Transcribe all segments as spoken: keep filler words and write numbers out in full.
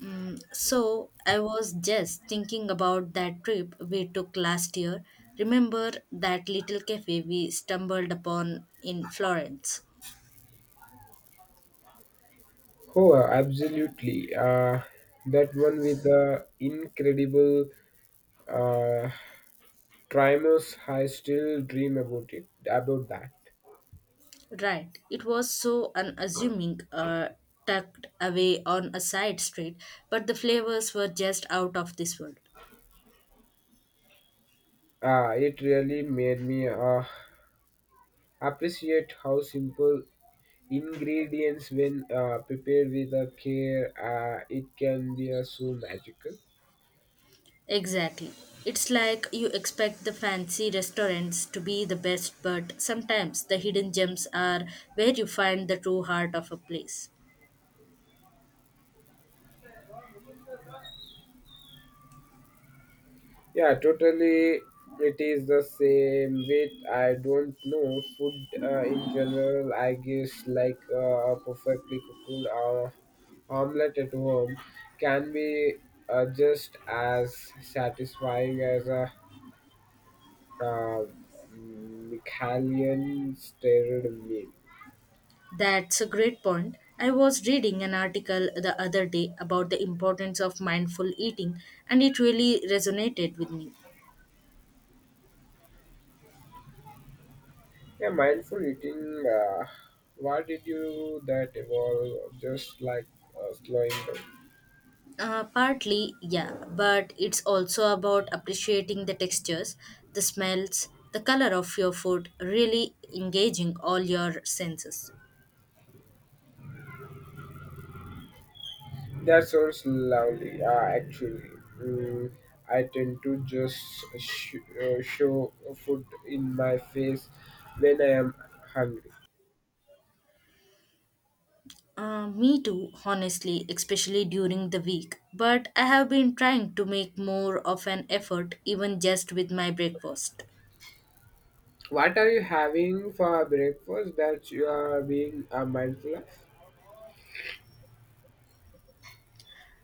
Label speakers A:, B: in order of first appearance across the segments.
A: Mm, so I was just thinking about that trip we took last year. Remember that little cafe we stumbled upon in Florence?
B: Oh, absolutely. Uh, that one with the incredible uh, Trimus, I still dream about it, about that.
A: Right. It was so unassuming, uh, tucked away on a side street, but the flavors were just out of this world.
B: Uh, it really made me uh, appreciate how simple ingredients, when uh, prepared with a care, uh, it can be uh, so magical.
A: Exactly. It's like you expect the fancy restaurants to be the best, but sometimes the hidden gems are where you find the true heart of a place.
B: Yeah, totally. It is the same with I don't know food uh, in general. I guess like uh, a perfectly cooked uh, omelette at home can be uh, just as satisfying as a uh, Michelin stirred meal.
A: That's a great point. I was reading an article the other day about the importance of mindful eating, and it really resonated with me.
B: Yeah, mindful eating. Uh, why did you that evolve? Just like uh, slowing down.
A: Uh, partly, yeah, but it's also about appreciating the textures, the smells, the color of your food, really engaging all your senses.
B: That sounds lovely, uh, actually. Mm, I tend to just sh- uh, show a food in my face when I am hungry.
A: Uh, me too, honestly, especially during the week. But I have been trying to make more of an effort, even just with my breakfast.
B: What are you having for breakfast that you are being uh, mindful of?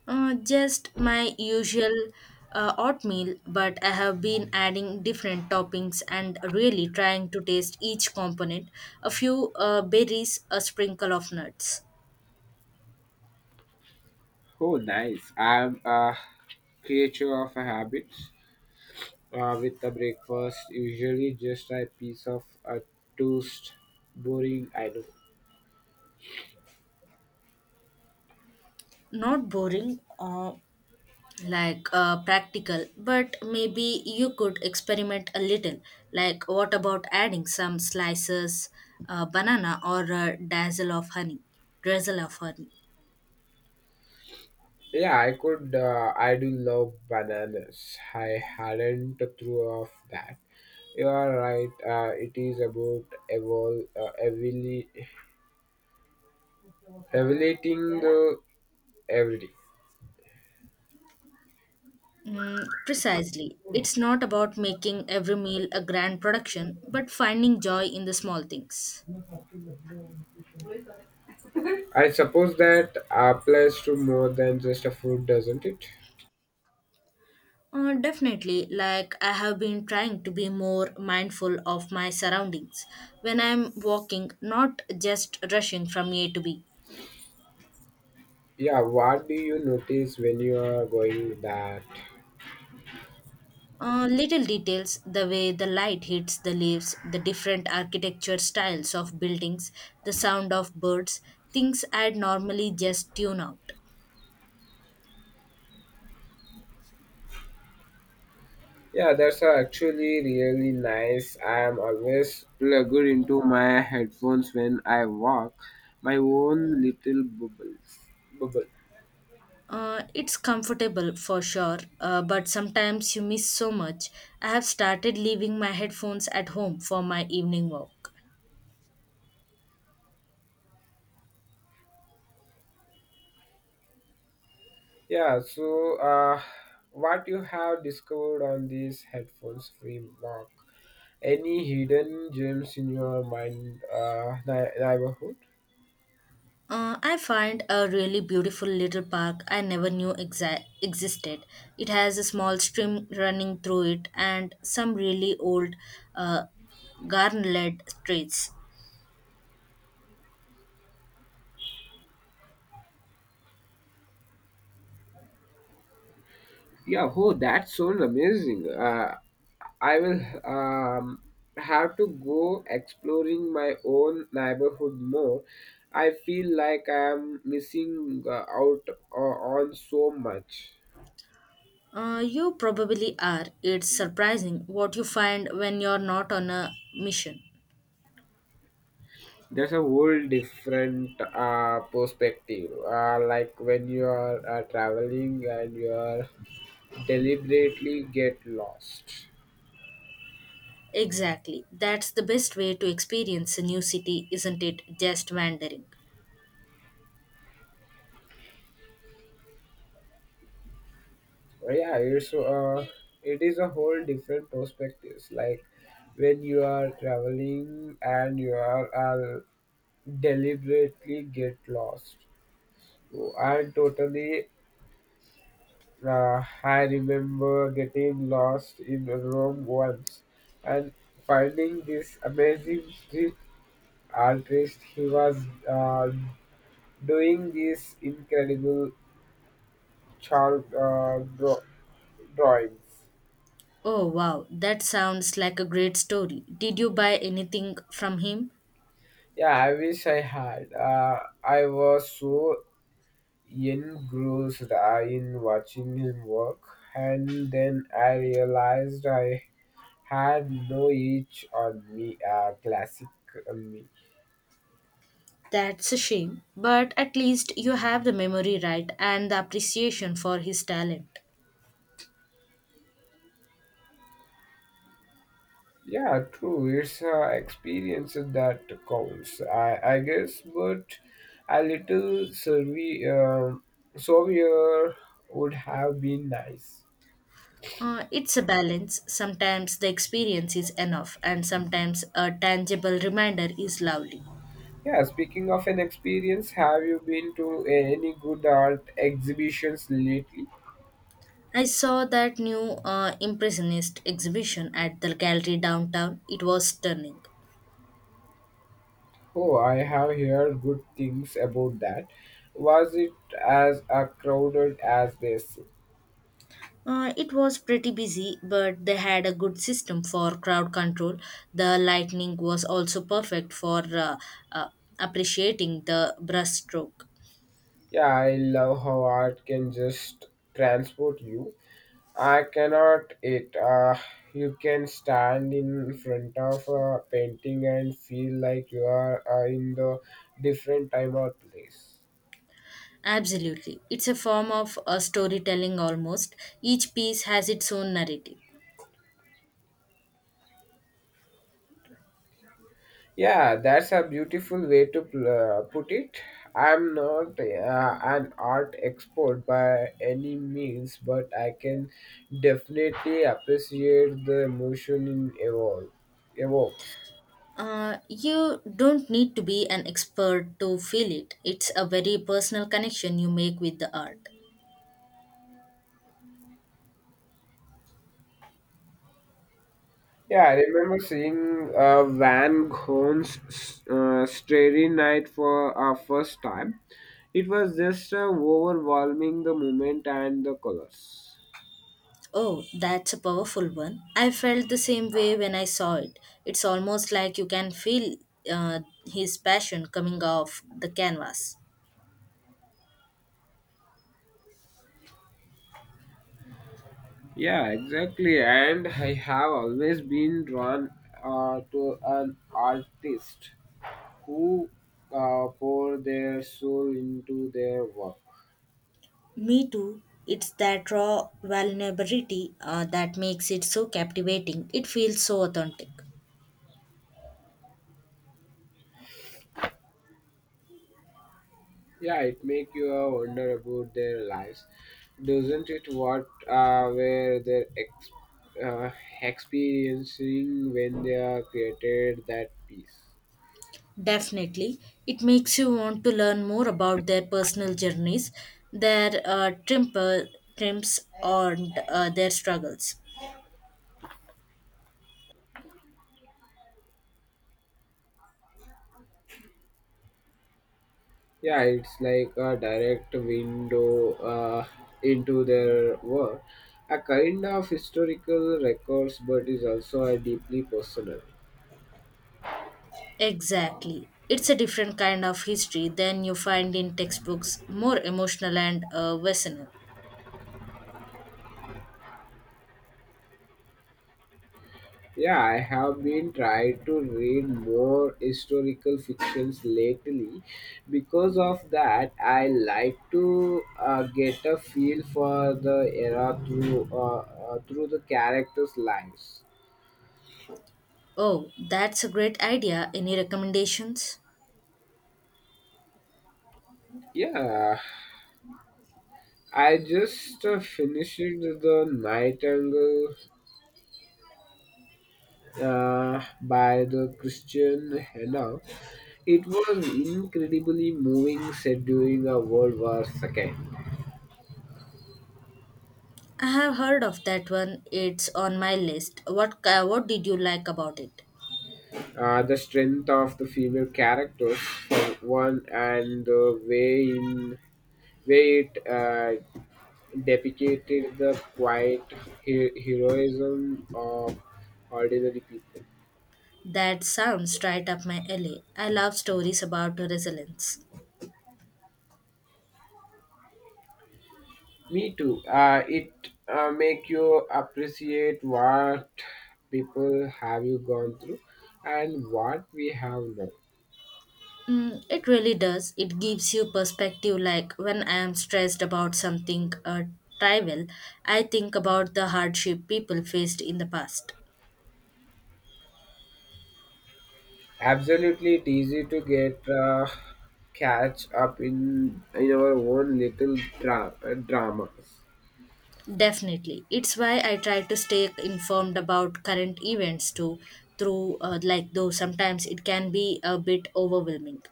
A: Uh, just my usual uh, oatmeal, but I have been adding different toppings and really trying to taste each component. A few uh, berries, a sprinkle of nuts.
B: Oh, nice. I'm a creature of a habit. Uh, with the breakfast, usually just a piece of a toast. Boring, I know.
A: Not boring, uh, like uh, practical, but maybe you could experiment a little. Like, what about adding some slices, uh, banana, or a dazzle of honey? Drizzle of honey.
B: Yeah, I could. Uh, I do love bananas. I hadn't thought of that. You are right. Uh, it is about evol- uh, evoli- evaluating the everyday.
A: Mm, precisely. It's not about making every meal a grand production, but finding joy in the small things.
B: I suppose that applies to more than just a food, doesn't it?
A: Uh, definitely, like I have been trying to be more mindful of my surroundings when I'm walking, not just rushing from A to B.
B: Yeah. What do you notice when you are going that?
A: Uh, little details, the way the light hits the leaves, the different architecture styles of buildings, the sound of birds, things I'd normally just tune out.
B: Yeah, that's uh, actually really nice. I am always plugged into my headphones when I walk, my own little bubbles. Bubble.
A: Uh, it's comfortable for sure, uh, but sometimes you miss so much. I have started leaving my headphones at home for my evening walk.
B: Yeah. So, uh, what you have discovered on these headphones-free walk? Any hidden gems in your mind, uh, ni- neighborhood?
A: Uh, I find a really beautiful little park I never knew exa- existed. It has a small stream running through it and some really old uh, garden-led streets.
B: Yeah. Oh, that sounds amazing. Uh, I will um, have to go exploring my own neighborhood more. I feel like I am missing uh, out uh, on so much.
A: Uh, you probably are. It's surprising what you find when you're not on a mission.
B: That's a whole different uh, perspective. Uh, like when you are uh, traveling and you are deliberately get lost.
A: Exactly. That's the best way to experience a new city, isn't it? Just wandering.
B: So, yeah, it's uh, it is a whole different perspectives. Like when you are traveling and you are uh, deliberately get lost. And totally, uh, I remember getting lost in Rome once and finding this amazing street artist. He was uh, doing these incredible chalk uh, draw- drawings.
A: Oh, wow. That sounds like a great story. Did you buy anything from him?
B: Yeah, I wish I had. Uh, I was so engrossed uh, in watching him work, and then I realized I had no each on me, uh, classic on me.
A: That's a shame. But at least you have the memory right and the appreciation for his talent.
B: Yeah, true, it's uh, experience that counts, i i guess, but a little survey um souvenir would have been nice.
A: Uh, it's a balance. Sometimes the experience is enough, and sometimes a tangible reminder is lovely.
B: Yeah, speaking of an experience, have you been to any good art exhibitions lately?
A: I saw that new uh, Impressionist exhibition at the gallery downtown. It was stunning.
B: Oh, I have heard good things about that. Was it as uh, crowded as this?
A: Uh, it was pretty busy, but they had a good system for crowd control. The lightning was also perfect for uh, uh, appreciating the brushstroke.
B: Yeah, I love how art can just transport you. I cannot it. Uh, you can stand in front of a painting and feel like you are uh, in the different time or place.
A: Absolutely. It's a form of uh, storytelling almost. Each piece has its own narrative.
B: Yeah, that's a beautiful way to pl- uh, put it. I'm not uh, an art expert by any means, but I can definitely appreciate the emotion in evolve evokes.
A: Uh, you don't need to be an expert to feel it. It's a very personal connection you make with the art.
B: Yeah, I remember seeing uh, Van Gogh's uh, Starry Night for our first time. It was just uh, overwhelming the moment and the colors.
A: Oh, that's a powerful one. I felt the same way when I saw it. It's almost like you can feel uh, his passion coming off the canvas.
B: Yeah, exactly. And I have always been drawn uh, to an artist who uh, pour their soul into their work.
A: Me too. It's that raw vulnerability uh, that makes it so captivating. It feels so authentic.
B: Yeah, it make you uh, wonder about their lives, doesn't it? What uh, were they ex- uh, experiencing when they uh, created that piece?
A: Definitely, it makes you want to learn more about their personal journeys, their uh, temper, trims, and uh, their struggles.
B: Yeah, it's like a direct window uh, into their work, a kind of historical records, but is also a deeply personal.
A: Exactly. It's a different kind of history than you find in textbooks, more emotional and uh, visceral.
B: Yeah, I have been trying to read more historical fictions lately. Because of that, I like to uh, get a feel for the era through uh, uh, through the characters' lives.
A: Oh, that's a great idea. Any recommendations?
B: Yeah, I just uh, finished the Nightingale uh, by the Christian Hannah. It was incredibly moving, set during a World War the second.
A: I have heard of that one. It's on my list. What ki- what did you like about it?
B: Uh, the strength of the female characters for one, and the way in way it uh, depicted the quiet he- heroism of ordinary people.
A: That sounds right up my alley. I love stories about resilience.
B: Me too, uh, it uh, make you appreciate what people have you gone through and what we have now.
A: Mm, it really does. It gives you perspective. Like when I am stressed about something uh, trivial, I think about the hardship people faced in the past.
B: Absolutely, it's easy to get uh, catch up in in our own little dra- uh, dramas.
A: Definitely. It's why I try to stay informed about current events too, through uh, like though sometimes it can be a bit overwhelming.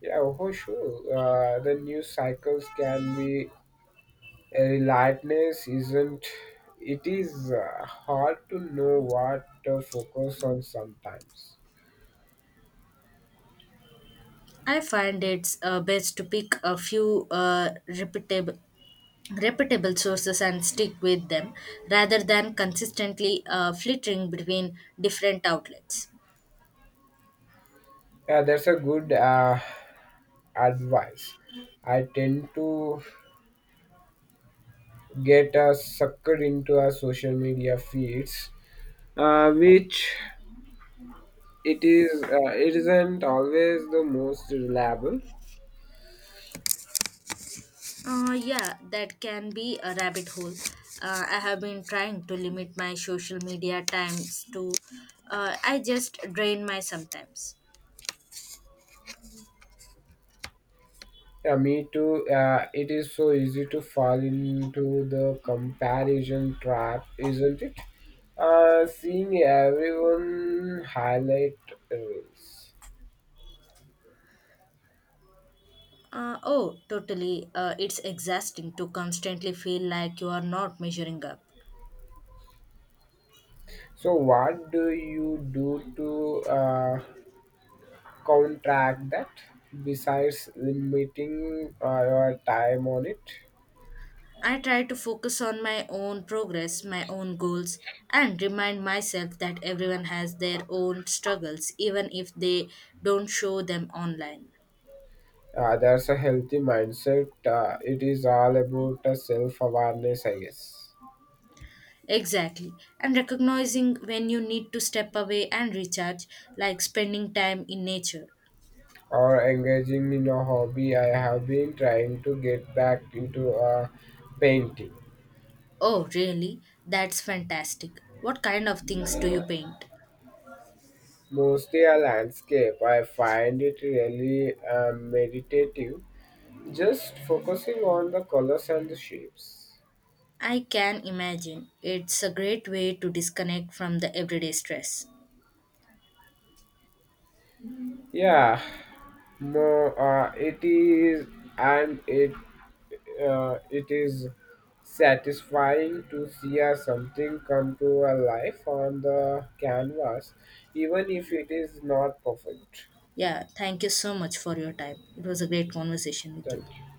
B: Yeah, for sure. Uh, the news cycles can be a relentless, isn't it? Is uh, hard to know what to focus on sometimes.
A: I find it's uh, best to pick a few uh, reputable reputable sources and stick with them rather than consistently uh, flitting between different outlets.
B: Yeah, that's a good uh, advice. I tend to get uh, sucked into our social media feeds, uh, which it is uh, it isn't always the most reliable.
A: Uh, yeah, that can be a rabbit hole. Uh, I have been trying to limit my social media times to. Uh, I just drain my sometimes.
B: Yeah, me too. Uh, it is so easy to fall into the comparison trap, isn't it? Uh, seeing everyone highlight reels.
A: Uh, oh, totally. Uh, it's exhausting to constantly feel like you are not measuring up.
B: So, what do you do to uh, counteract that besides limiting uh, your time on it?
A: I try to focus on my own progress, my own goals, and remind myself that everyone has their own struggles, even if they don't show them online.
B: Uh, that's a healthy mindset. Uh, it is all about uh, self awareness, I guess.
A: Exactly. And recognizing when you need to step away and recharge, like spending time in nature.
B: Or engaging in a hobby. I have been trying to get back into a painting,
A: Oh, really? That's fantastic. What kind of things do you paint?
B: mostly a landscape. I find it really uh, meditative, just focusing on the colors and the shapes.
A: I can imagine. It's a great way to disconnect from the everyday stress.
B: Yeah, more uh, it is, and it uh, it is satisfying to see uh, something come to a life on the canvas, even if it is not perfect.
A: Yeah, thank you so much for your time. It was a great conversation with
B: Thank
A: you.
B: you.